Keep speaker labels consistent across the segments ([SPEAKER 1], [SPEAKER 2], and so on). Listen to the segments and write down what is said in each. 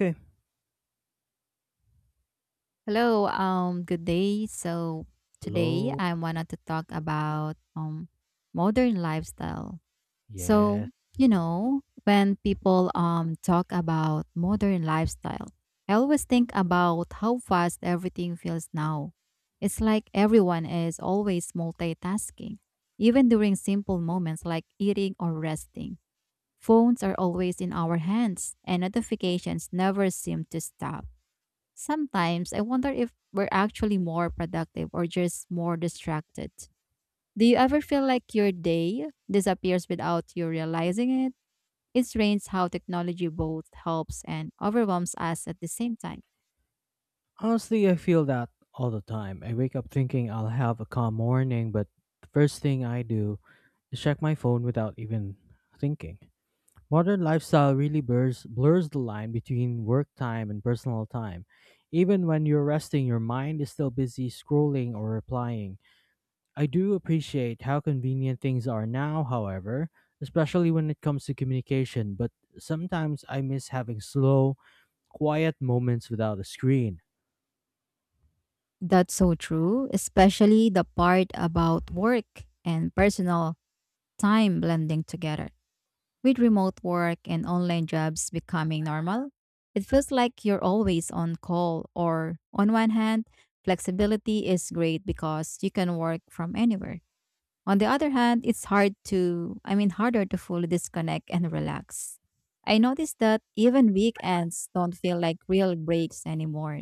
[SPEAKER 1] Okay.
[SPEAKER 2] Hello, good day. Today
[SPEAKER 1] Hello?
[SPEAKER 2] I wanted to talk about modern lifestyle. So,
[SPEAKER 1] Yes.
[SPEAKER 2] when people talk about modern lifestyle, I always think about how fast everything feels now. It's like everyone is always multitasking. Even during simple moments like eating or resting, phones are always in our hands and notifications never seem to stop. Sometimes I wonder if we're actually more productive or just more distracted. Do you ever feel like your day disappears without you realizing it? It's strange how technology both helps and overwhelms us at the same time.
[SPEAKER 1] Honestly, I feel that all the time. I wake up thinking I'll have a calm morning, but the first thing I do is check my phone without even thinking. Modern lifestyle really blurs the line between work time and personal time. Even when you're resting, your mind is still busy scrolling or replying. I do appreciate how convenient things are now, however, especially when it comes to communication, but sometimes I miss having slow, quiet moments without a screen.
[SPEAKER 2] That's so true, especially the part about work and personal time blending together. With remote work and online jobs becoming normal, it feels like you're always on call. Or, on one hand, flexibility is great because you can work from anywhere. On the other hand, it's hard to harder to fully disconnect and relax. I noticed that even weekends don't feel like real breaks anymore.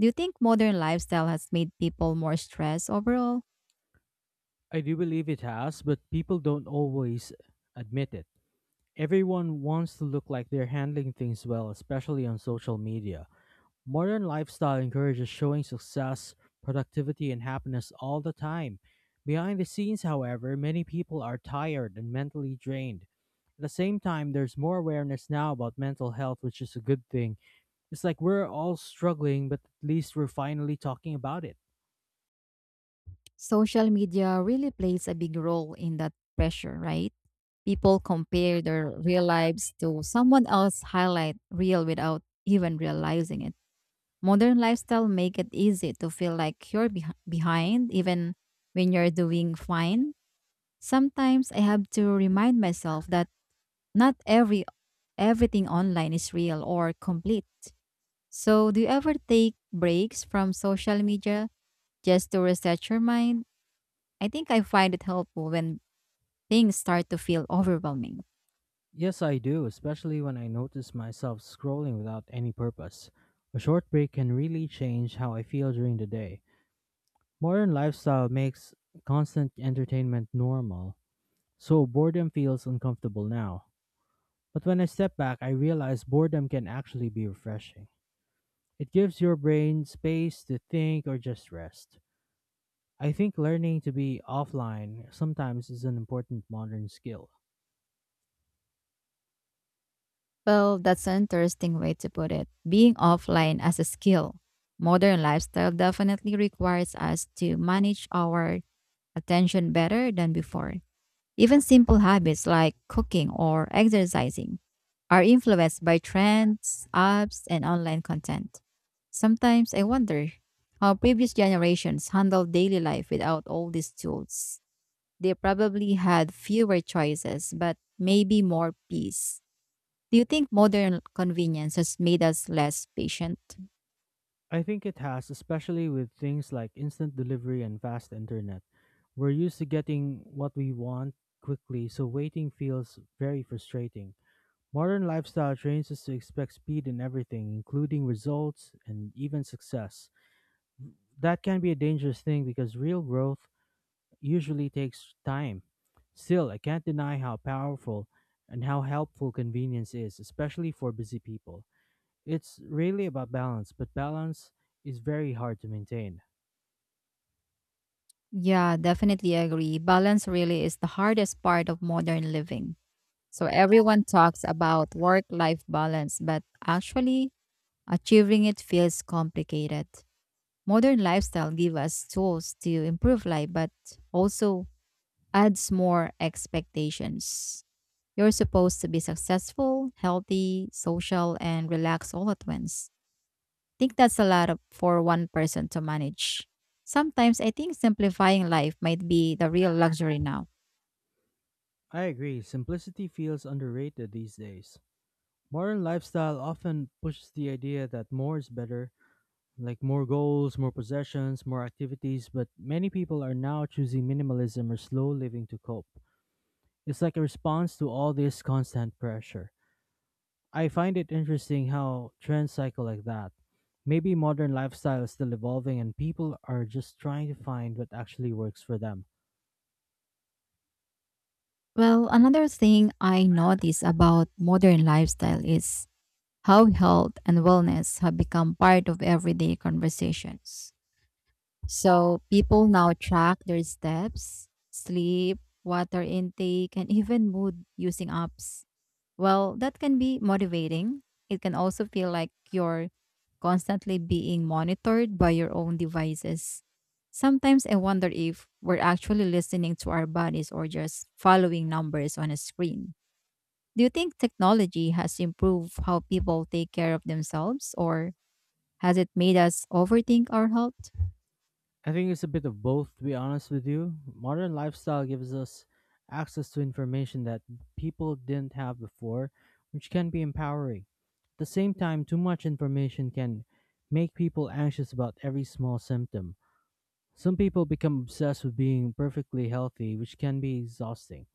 [SPEAKER 2] Do you think modern lifestyle has made people more stressed overall?
[SPEAKER 1] I do believe it has, but people don't always admit it. Everyone wants to look like they're handling things well, especially on social media. Modern lifestyle encourages showing success, productivity, and happiness all the time. Behind the scenes, however, many people are tired and mentally drained. At the same time, there's more awareness now about mental health, which is a good thing. It's like we're all struggling, but at least we're finally talking about it.
[SPEAKER 2] Social media really plays a big role in that pressure, right? People compare their real lives to someone else's highlight reel without even realizing it. Modern lifestyle make it easy to feel like you're behind even when you're doing fine. Sometimes I have to remind myself that not every everything online is real or complete. So, do you ever take breaks from social media just to reset your mind? I think I find it helpful when things start to feel overwhelming.
[SPEAKER 1] Yes, I do, especially when I notice myself scrolling without any purpose. A short break can really change how I feel during the day. Modern lifestyle makes constant entertainment normal, so boredom feels uncomfortable now. But when I step back, I realize boredom can actually be refreshing. It gives your brain space to think or just rest. I think learning to be offline sometimes is an important modern skill.
[SPEAKER 2] Well, that's an interesting way to put it. Being offline as a skill. Modern lifestyle definitely requires us to manage our attention better than before. Even simple habits like cooking or exercising are influenced by trends, apps, and online content. Sometimes I wonder how previous generations handled daily life without all these tools. They probably had fewer choices, but maybe more peace. Do you think modern convenience has made us less patient?
[SPEAKER 1] I think it has, especially with things like instant delivery and fast internet. We're used to getting what we want quickly, so waiting feels very frustrating. Modern lifestyle trains us to expect speed in everything, including results and even success. That can be a dangerous thing because real growth usually takes time. Still, I can't deny how powerful and how helpful convenience is, especially for busy people. It's really about balance, but balance is very hard to maintain.
[SPEAKER 2] Yeah, definitely agree. Balance really is the hardest part of modern living. So everyone talks about work-life balance, but actually achieving it feels complicated. Modern lifestyle give us tools to improve life, but also adds more expectations. You're supposed to be successful, healthy, social, and relaxed all at once. Think that's a lot of, for one person to manage. Sometimes I think simplifying life might be the real luxury now.
[SPEAKER 1] I agree. Simplicity feels underrated these days. Modern lifestyle often pushes the idea that more is better, like more goals, more possessions, more activities, but many people are now choosing minimalism or slow living to cope. It's like a response to all this constant pressure. I find it interesting how trends cycle like that. Maybe modern lifestyle is still evolving and people are just trying to find what actually works for them.
[SPEAKER 2] Well, another thing I notice about modern lifestyle is how health and wellness have become part of everyday conversations. So people now track their steps, sleep, water intake, and even mood using apps. Well, that can be motivating. It can also feel like you're constantly being monitored by your own devices. Sometimes I wonder if we're actually listening to our bodies or just following numbers on a screen. Do you think technology has improved how people take care of themselves, or has it made us overthink our health?
[SPEAKER 1] I think it's a bit of both, to be honest with you. Modern lifestyle gives us access to information that people didn't have before, which can be empowering. At the same time, too much information can make people anxious about every small symptom. Some people become obsessed with being perfectly healthy, which can be exhausting.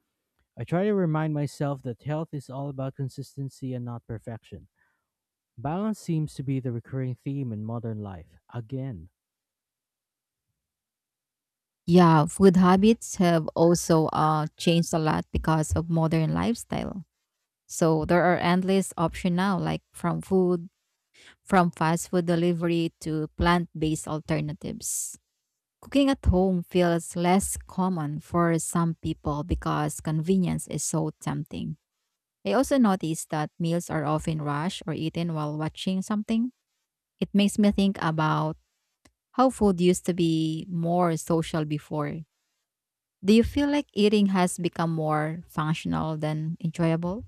[SPEAKER 1] I try to remind myself that health is all about consistency and not perfection. Balance seems to be the recurring theme in modern life, again.
[SPEAKER 2] Yeah, food habits have also changed a lot because of modern lifestyle. So there are endless options now, like from fast food delivery to plant based alternatives. Cooking at home feels less common for some people because convenience is so tempting. I also noticed that meals are often rushed or eaten while watching something. It makes me think about how food used to be more social before. Do you feel like eating has become more functional than enjoyable?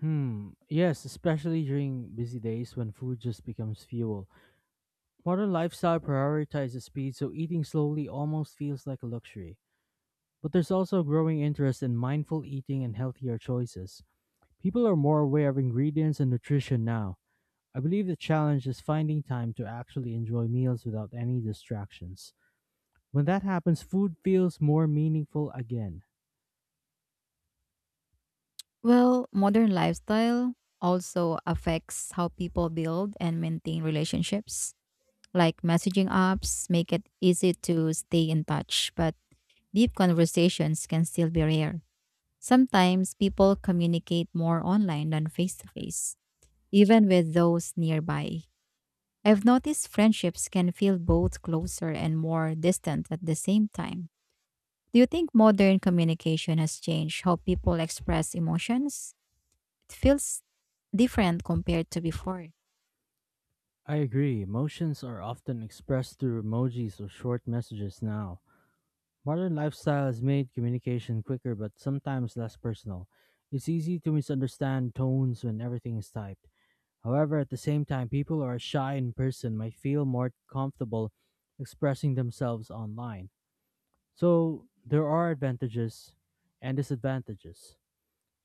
[SPEAKER 1] Hmm. Yes, especially during busy days when food just becomes fuel. Modern lifestyle prioritizes speed, so eating slowly almost feels like a luxury. But there's also a growing interest in mindful eating and healthier choices. People are more aware of ingredients and nutrition now. I believe the challenge is finding time to actually enjoy meals without any distractions. When that happens, food feels more meaningful again.
[SPEAKER 2] Well, modern lifestyle also affects how people build and maintain relationships. Like messaging apps make it easy to stay in touch, but deep conversations can still be rare. Sometimes people communicate more online than face to face, even with those nearby. I've noticed friendships can feel both closer and more distant at the same time. Do you think modern communication has changed how people express emotions? It feels different compared to before.
[SPEAKER 1] I agree. Emotions are often expressed through emojis or short messages now. Modern lifestyle has made communication quicker but sometimes less personal. It's easy to misunderstand tones when everything is typed. However, at the same time, people who are shy in person might feel more comfortable expressing themselves online. So, there are advantages and disadvantages.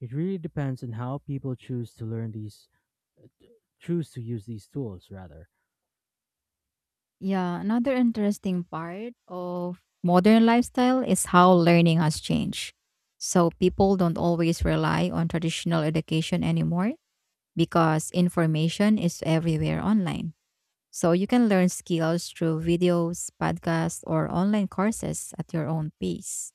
[SPEAKER 1] It really depends on how people choose to use these tools rather.
[SPEAKER 2] Yeah, another interesting part of modern lifestyle is how learning has changed. So people don't always rely on traditional education anymore because information is everywhere online. So you can learn skills through videos, podcasts, or online courses at your own pace.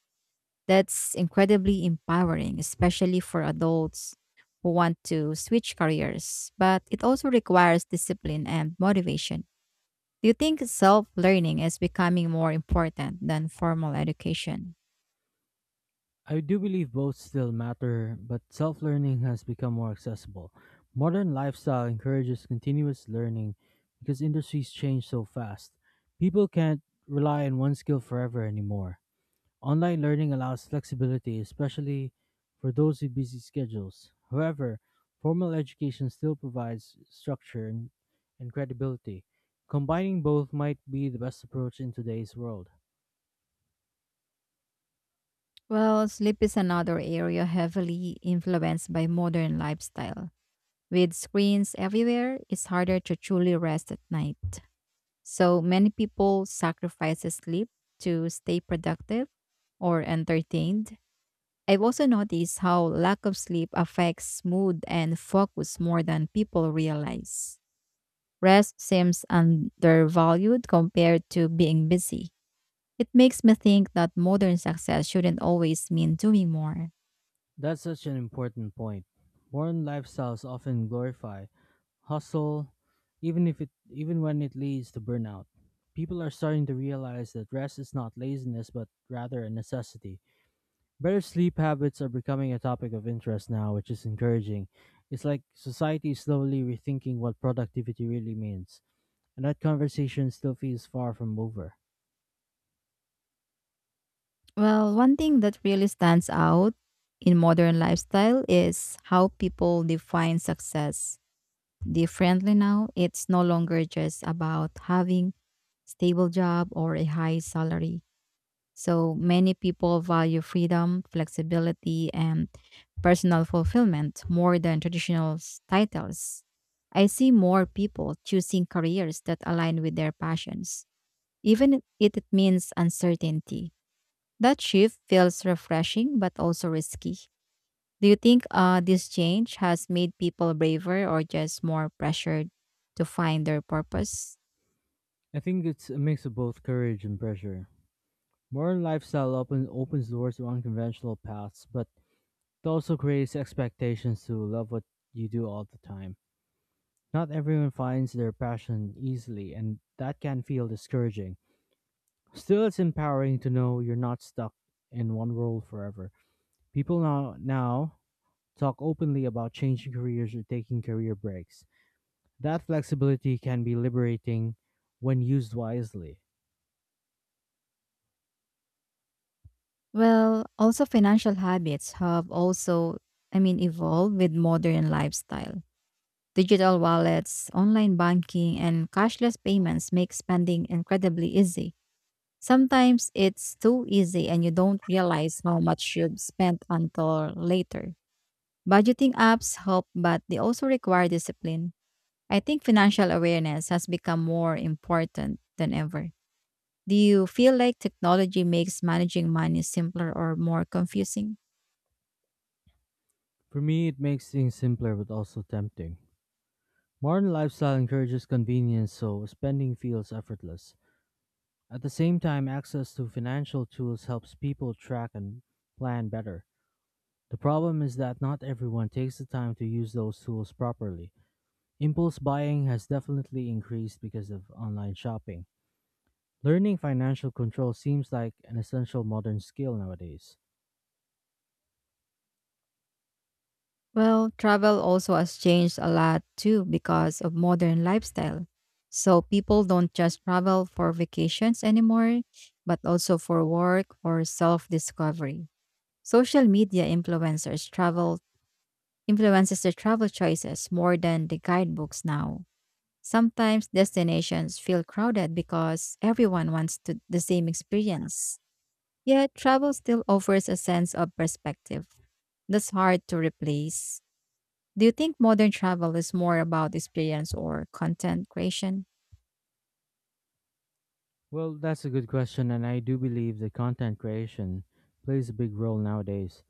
[SPEAKER 2] That's incredibly empowering, especially for adults who want to switch careers, but it also requires discipline and motivation. Do you think self learning is becoming more important than formal education?
[SPEAKER 1] I do believe both still matter, but self learning has become more accessible. Modern lifestyle encourages continuous learning because industries change so fast. People can't rely on one skill forever anymore. Online learning allows flexibility, especially for those with busy schedules. However, formal education still provides structure and credibility. Combining both might be the best approach in today's world.
[SPEAKER 2] Well, sleep is another area heavily influenced by modern lifestyle. With screens everywhere, it's harder to truly rest at night. So many people sacrifice sleep to stay productive or entertained. I've also noticed how lack of sleep affects mood and focus more than people realize. Rest seems undervalued compared to being busy. It makes me think that modern success shouldn't always mean doing more.
[SPEAKER 1] That's such an important point. Modern lifestyles often glorify hustle, even if it even when it leads to burnout. People are starting to realize that rest is not laziness but rather a necessity. Better sleep habits are becoming a topic of interest now, which is encouraging. It's like society is slowly rethinking what productivity really means, and that conversation still feels far from over.
[SPEAKER 2] Well, one thing that really stands out in modern lifestyle is how people define success differently now. It's no longer just about having stable job or a high salary. So many people value freedom, flexibility, and personal fulfillment more than traditional titles. I see more people choosing careers that align with their passions even if it means uncertainty. That shift feels refreshing but also risky. Do you think this change has made people braver or just more pressured to find their purpose?
[SPEAKER 1] I think it's a mix of both courage and pressure. Modern lifestyle opens doors to unconventional paths, but it also creates expectations to love what you do all the time. Not everyone finds their passion easily, and that can feel discouraging. Still, it's empowering to know you're not stuck in one role forever. People now talk openly about changing careers or taking career breaks. That flexibility can be liberating when used wisely.
[SPEAKER 2] Well, also financial habits have evolved with modern lifestyle. Digital wallets, online banking, and cashless payments make spending incredibly easy. Sometimes it's too easy and you don't realize how much you've spent until later. Budgeting apps help, but they also require discipline. I think financial awareness has become more important than ever. Do you feel like technology makes managing money simpler or more confusing?
[SPEAKER 1] For me, it makes things simpler but also tempting. Modern lifestyle encourages convenience, so spending feels effortless. At the same time, access to financial tools helps people track and plan better. The problem is that not everyone takes the time to use those tools properly. Impulse buying has definitely increased because of online shopping. Learning financial control seems like an essential modern skill nowadays.
[SPEAKER 2] Well, travel also has changed a lot too because of modern lifestyle. So people don't just travel for vacations anymore, but also for work or self-discovery. Social media influencers travel influences the travel choices more than the guidebooks now. Sometimes destinations feel crowded because everyone wants to, the same experience. Yet travel still offers a sense of perspective that's hard to replace. Do you think modern travel is more about experience or content creation?
[SPEAKER 1] Well, that's a good question, and I do believe that content creation plays a big role nowadays.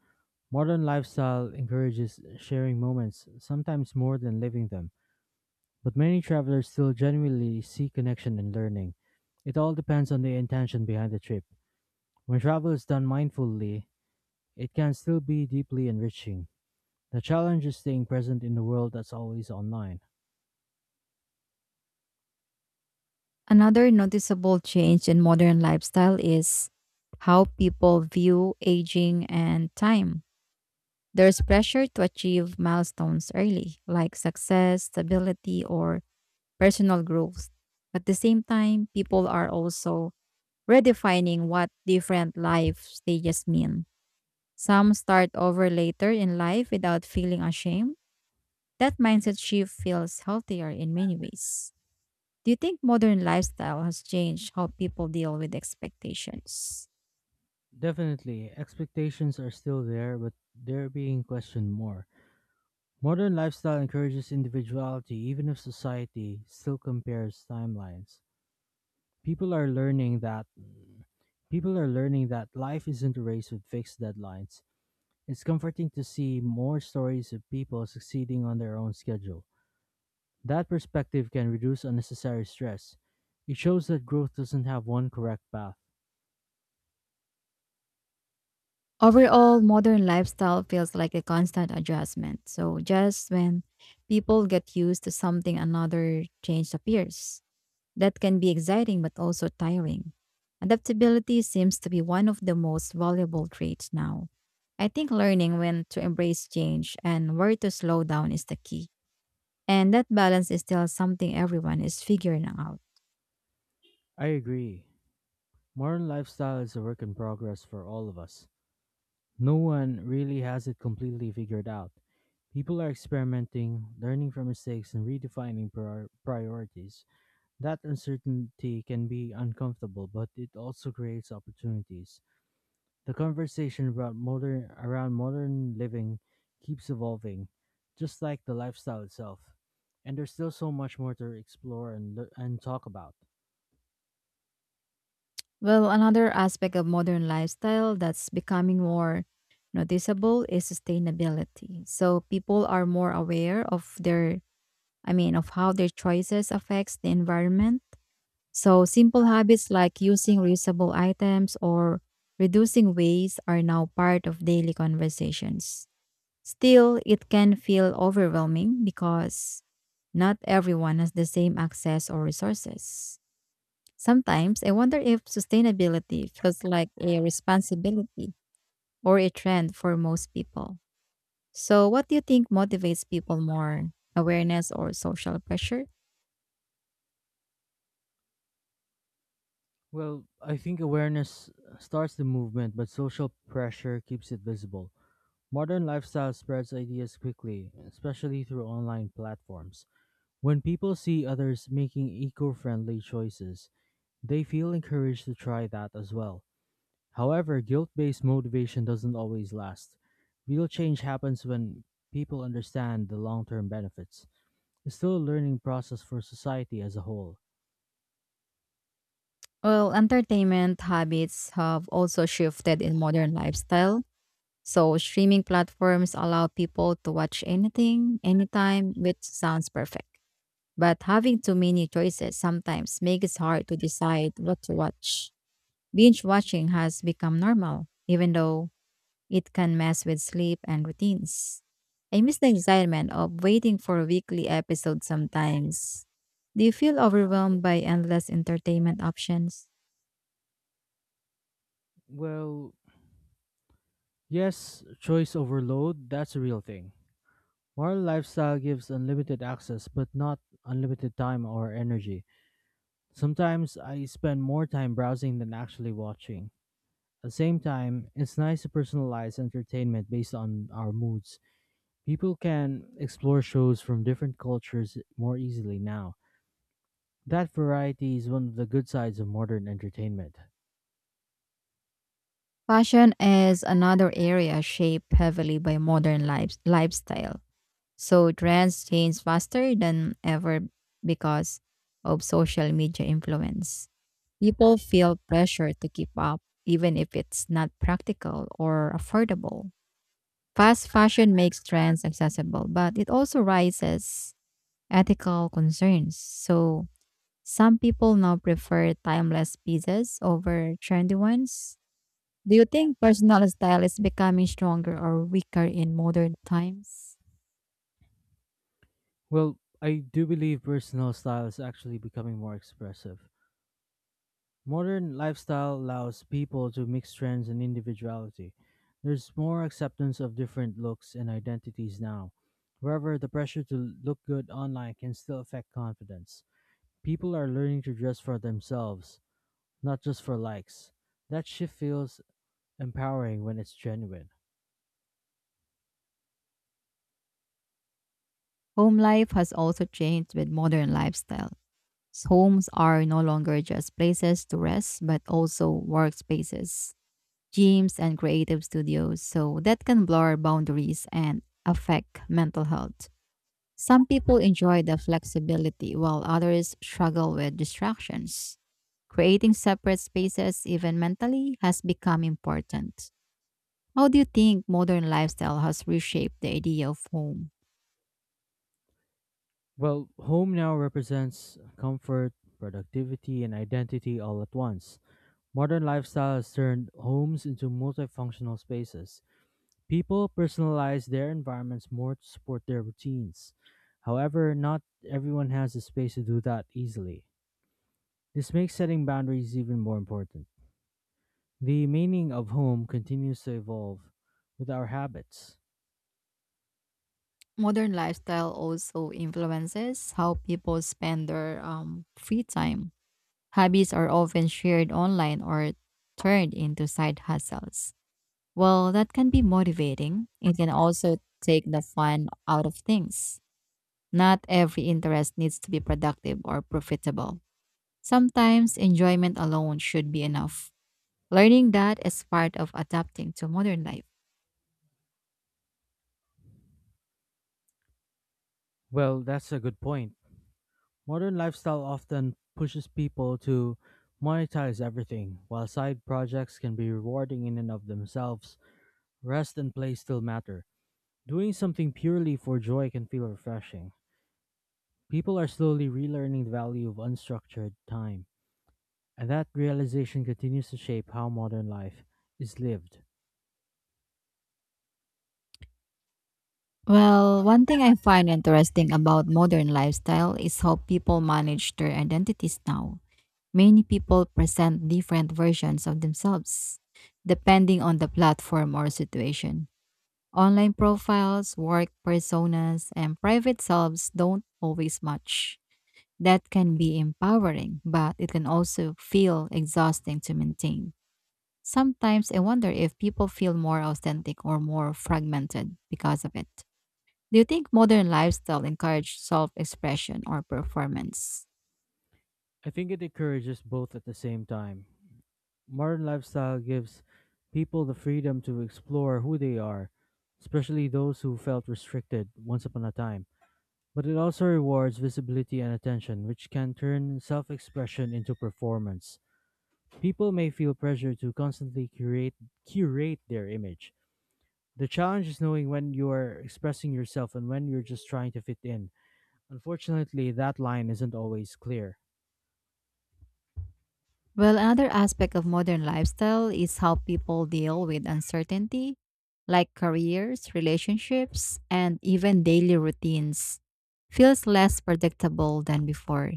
[SPEAKER 1] Modern lifestyle encourages sharing moments, sometimes more than living them. But many travelers still genuinely see connection and learning. It all depends on the intention behind the trip. When travel is done mindfully, it can still be deeply enriching. The challenge is staying present in the world that's always online.
[SPEAKER 2] Another noticeable change in modern lifestyle is how people view aging and time. There's pressure to achieve milestones early, like success, stability, or personal growth. At the same time, people are also redefining what different life stages mean. Some start over later in life without feeling ashamed. That mindset shift feels healthier in many ways. Do you think modern lifestyle has changed how people deal with expectations?
[SPEAKER 1] Definitely, expectations are still there, but they're being questioned more. Modern lifestyle encourages individuality, even if society still compares timelines. People are learning that people are learning that life isn't a race with fixed deadlines. It's comforting to see more stories of people succeeding on their own schedule. That perspective can reduce unnecessary stress. It shows that growth doesn't have one correct path.
[SPEAKER 2] Overall, modern lifestyle feels like a constant adjustment. So, just when people get used to something, another change appears. That can be exciting but also tiring. Adaptability seems to be one of the most valuable traits now. I think learning when to embrace change and where to slow down is the key. And that balance is still something everyone is figuring out.
[SPEAKER 1] I agree. Modern lifestyle is a work in progress for all of us. No one really has it completely figured out. People are experimenting, learning from mistakes, and redefining priorities. That uncertainty can be uncomfortable, but it also creates opportunities. The conversation around modern living keeps evolving, just like the lifestyle itself. And there's still so much more to explore and talk about.
[SPEAKER 2] Well, another aspect of modern lifestyle that's becoming more noticeable is sustainability. So people are more aware of their I mean of how their choices affects the environment. So, simple habits like using reusable items or reducing waste are now part of daily conversations. Still, it can feel overwhelming because not everyone has the same access or resources. Sometimes I wonder if sustainability feels like a responsibility or a trend for most people. So, what do you think motivates people more, awareness or social pressure?
[SPEAKER 1] Well, I think awareness starts the movement, but social pressure keeps it visible. Modern lifestyle spreads ideas quickly, especially through online platforms. When people see others making eco friendly choices, they feel encouraged to try that as well. However, guilt based motivation doesn't always last. Real change happens when people understand the long term benefits. It's still a learning process for society as a whole.
[SPEAKER 2] Well, entertainment habits have also shifted in modern lifestyle. So, streaming platforms allow people to watch anything, anytime, which sounds perfect. But having too many choices sometimes makes it hard to decide what to watch. Binge watching has become normal, even though it can mess with sleep and routines. I miss the excitement of waiting for a weekly episode sometimes. Do you feel overwhelmed by endless entertainment options?
[SPEAKER 1] Well, yes, choice overload, that's a real thing. Moral lifestyle gives unlimited access, but not unlimited time or energy. Sometimes I spend more time browsing than actually watching. At the same time, it's nice to personalize entertainment based on our moods. People can explore shows from different cultures more easily now. That variety is one of the good sides of modern entertainment.
[SPEAKER 2] Fashion is another area shaped heavily by modern lifestyle. So trends change faster than ever because of social media influence. People feel pressure to keep up even if it's not practical or affordable. Fast fashion makes trends accessible, but it also raises ethical concerns. So some people now prefer timeless pieces over trendy ones. Do you think personal style is becoming stronger or weaker in modern times?
[SPEAKER 1] Well, I do believe personal style is actually becoming more expressive. Modern lifestyle allows people to mix trends and individuality. There's more acceptance of different looks and identities now. However, the pressure to look good online can still affect confidence. People are learning to dress for themselves, not just for likes. That shift feels empowering when it's genuine.
[SPEAKER 2] Home life has also changed with modern lifestyle. Homes are no longer just places to rest, but also workspaces, gyms, and creative studios. So that can blur boundaries and affect mental health. Some people enjoy the flexibility while others struggle with distractions. Creating separate spaces, even mentally, has become important. How do you think modern lifestyle has reshaped the idea of home?
[SPEAKER 1] Well, home now represents comfort, productivity, and identity all at once. Modern lifestyle has turned homes into multifunctional spaces. People personalize their environments more to support their routines. However, not everyone has the space to do that easily. This makes setting boundaries even more important. The meaning of home continues to evolve with our habits.
[SPEAKER 2] Modern lifestyle also influences how people spend their free time. Hobbies are often shared online or turned into side hustles. Well, that can be motivating. It can also take the fun out of things. Not every interest needs to be productive or profitable. Sometimes enjoyment alone should be enough. Learning that is part of adapting to modern life.
[SPEAKER 1] Well, that's a good point. Modern lifestyle often pushes people to monetize everything, while side projects can be rewarding in and of themselves. Rest and play still matter. Doing something purely for joy can feel refreshing. People are slowly relearning the value of unstructured time, and that realization continues to shape how modern life is lived.
[SPEAKER 2] Well, one thing I find interesting about modern lifestyle is how people manage their identities now. Many people present different versions of themselves, depending on the platform or situation. Online profiles, work personas, and private selves don't always match. That can be empowering, but it can also feel exhausting to maintain. Sometimes I wonder if people feel more authentic or more fragmented because of it. Do you think modern lifestyle encourages self-expression or performance?
[SPEAKER 1] I think it encourages both at the same time. Modern lifestyle gives people the freedom to explore who they are, especially those who felt restricted once upon a time. But it also rewards visibility and attention, which can turn self expression into performance. People may feel pressure to constantly curate their image. The challenge is knowing when you are expressing yourself and when you're just trying to fit in. Unfortunately, that line isn't always clear.
[SPEAKER 2] Well, another aspect of modern lifestyle is how people deal with uncertainty, like careers, relationships, and even daily routines feels less predictable than before.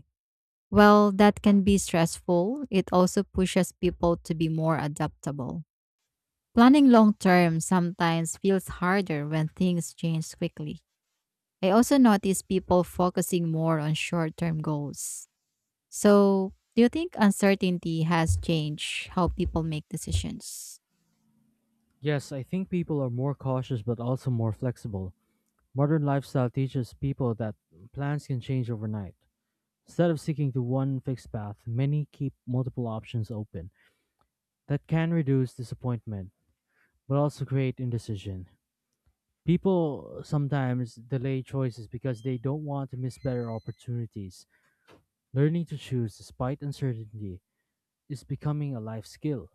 [SPEAKER 2] Well, that can be stressful. It also pushes people to be more adaptable. Planning long term sometimes feels harder when things change quickly. I also notice people focusing more on short term goals. So, do you think uncertainty has changed how people make decisions?
[SPEAKER 1] Yes, I think people are more cautious but also more flexible. Modern lifestyle teaches people that plans can change overnight. Instead of sticking to one fixed path, many keep multiple options open. That can reduce disappointment but also create indecision. People sometimes delay choices because they don't want to miss better opportunities. Learning to choose despite uncertainty is becoming a life skill.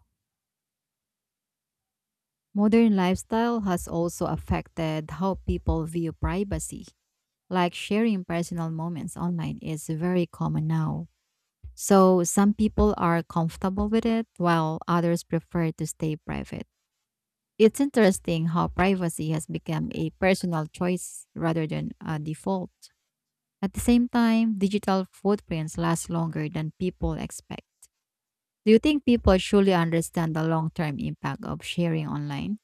[SPEAKER 2] Modern lifestyle has also affected how people view privacy. Like sharing personal moments online is very common now. So, some people are comfortable with it while others prefer to stay private. It's interesting how privacy has become a personal choice rather than a default. At the same time, digital footprints last longer than people expect. Do you think people truly understand the long term impact of sharing online?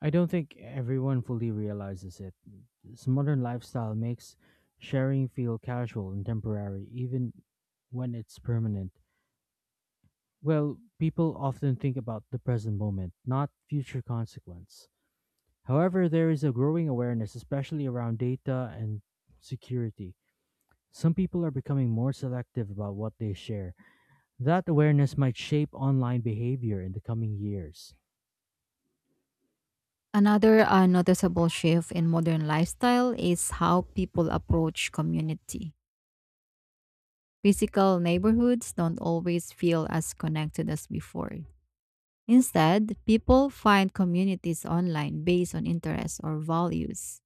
[SPEAKER 1] I don't think everyone fully realizes it. This modern lifestyle makes sharing feel casual and temporary, even when it's permanent. Well, people often think about the present moment, not future consequence. However, there is a growing awareness, especially around data and security. Some people are becoming more selective about what they share. That awareness might shape online behavior in the coming years.
[SPEAKER 2] Another noticeable shift in modern lifestyle is how people approach community. Physical neighborhoods don't always feel as connected as before. Instead, people find communities online based on interests or values.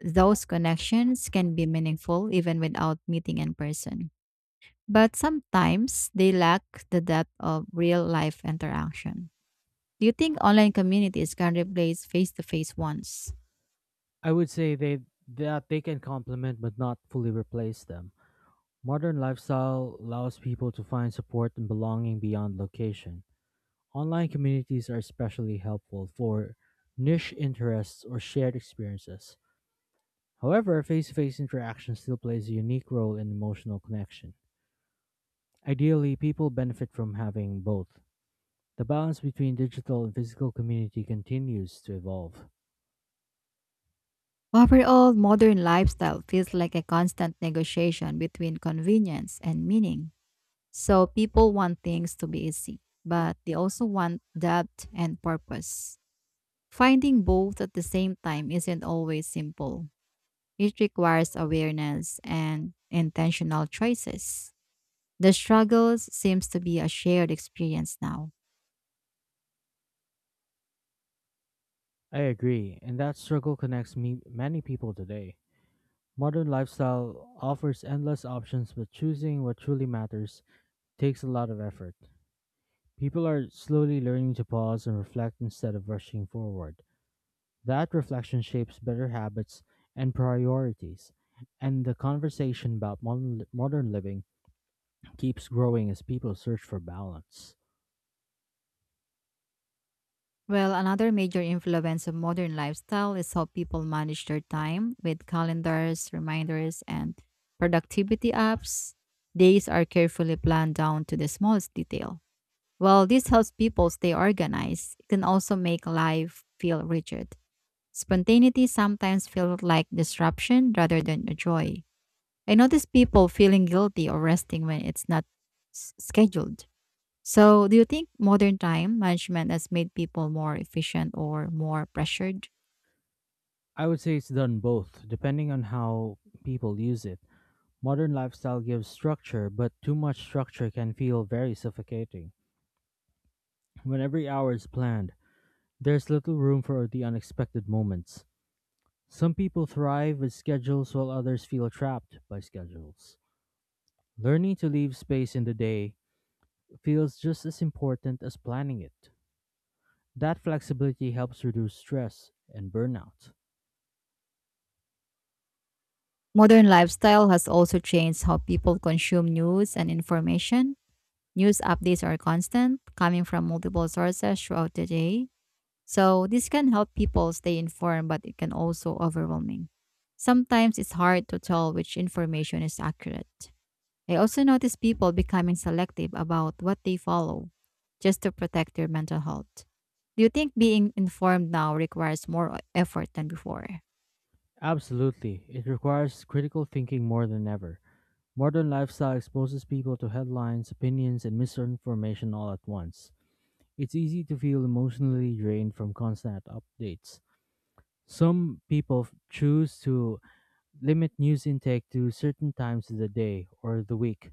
[SPEAKER 2] Those connections can be meaningful even without meeting in person. But sometimes they lack the depth of real life interaction. Do you think online communities can replace face to face ones?
[SPEAKER 1] I would say they that they can complement but not fully replace them. Modern lifestyle allows people to find support and belonging beyond location. Online communities are especially helpful for niche interests or shared experiences. However, face to face interaction still plays a unique role in emotional connection. Ideally, people benefit from having both. The balance between digital and physical community continues to evolve.
[SPEAKER 2] Overall, modern lifestyle feels like a constant negotiation between convenience and meaning. So people want things to be easy, but they also want depth and purpose. Finding both at the same time isn't always simple. It requires awareness and intentional choices. The struggles seems to be a shared experience now.
[SPEAKER 1] I agree, and that struggle many people today. Modern lifestyle offers endless options, but choosing what truly matters takes a lot of effort. People are slowly learning to pause and reflect instead of rushing forward. That reflection shapes better habits and priorities. And the conversation modern living keeps growing as people search for balance.
[SPEAKER 2] Well, another major influence of modern lifestyle is how people manage their time with calendars, reminders, and productivity apps. Days are carefully planned down to the smallest detail. While this helps people stay organized, it can also make life feel rigid. Spontaneity sometimes feels like disruption rather than a joy. I notice people feeling guilty or resting when it's not scheduled. So, do you think modern time management has made people more efficient or more pressured?
[SPEAKER 1] I would say it's done both, depending on how people use it. Modern lifestyle gives structure, but too much structure can feel very suffocating. When every hour is planned, there's little room for the unexpected moments. Some people thrive with schedules while others feel trapped by schedules. Learning to leave space in the day feels just as important as planning it. That flexibility helps reduce stress and burnout.
[SPEAKER 2] Modern lifestyle has also changed how people consume news and information. News updates are constant, coming from multiple sources throughout the day. So, this can help people stay informed, but it can also overwhelming. Sometimes it's hard to tell which information is accurate. I also notice people becoming selective about what they follow just to protect their mental health. Do you think being informed now requires more effort than before?
[SPEAKER 1] Absolutely, it requires critical thinking more than ever. Modern lifestyle exposes people to headlines, opinions, and misinformation all at once. It's easy to feel emotionally drained from constant updates. Some people choose to limit news intake to certain times of the day or the week,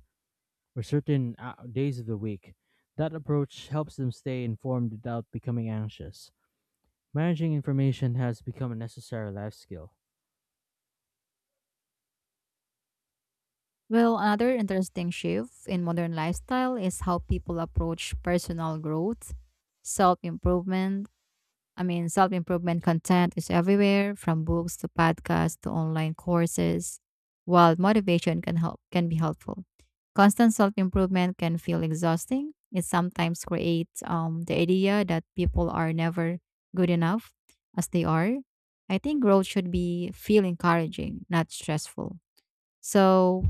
[SPEAKER 1] or certain days of the week. That approach helps them stay informed without becoming anxious. Managing information has become a necessary life skill.
[SPEAKER 2] Well, another interesting shift in modern lifestyle is how people approach personal growth, self improvement, I mean, self improvement content is everywhere from books to podcasts to online courses. While motivation can be helpful, constant self improvement can feel exhausting. It sometimes creates the idea that people are never good enough as they are. I think growth should be feel encouraging, not stressful. So,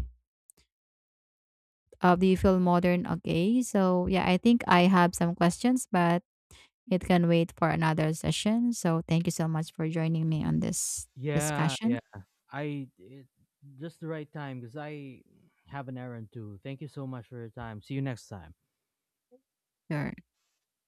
[SPEAKER 2] do you feel modern? Okay, so yeah, I think I have some questions, but it can wait for another session. So thank you so much for joining me on this
[SPEAKER 1] Yeah,
[SPEAKER 2] discussion.
[SPEAKER 1] yeah. I it, just the right time because I have an errand too. Thank you so much for your time. See you next time.
[SPEAKER 2] Your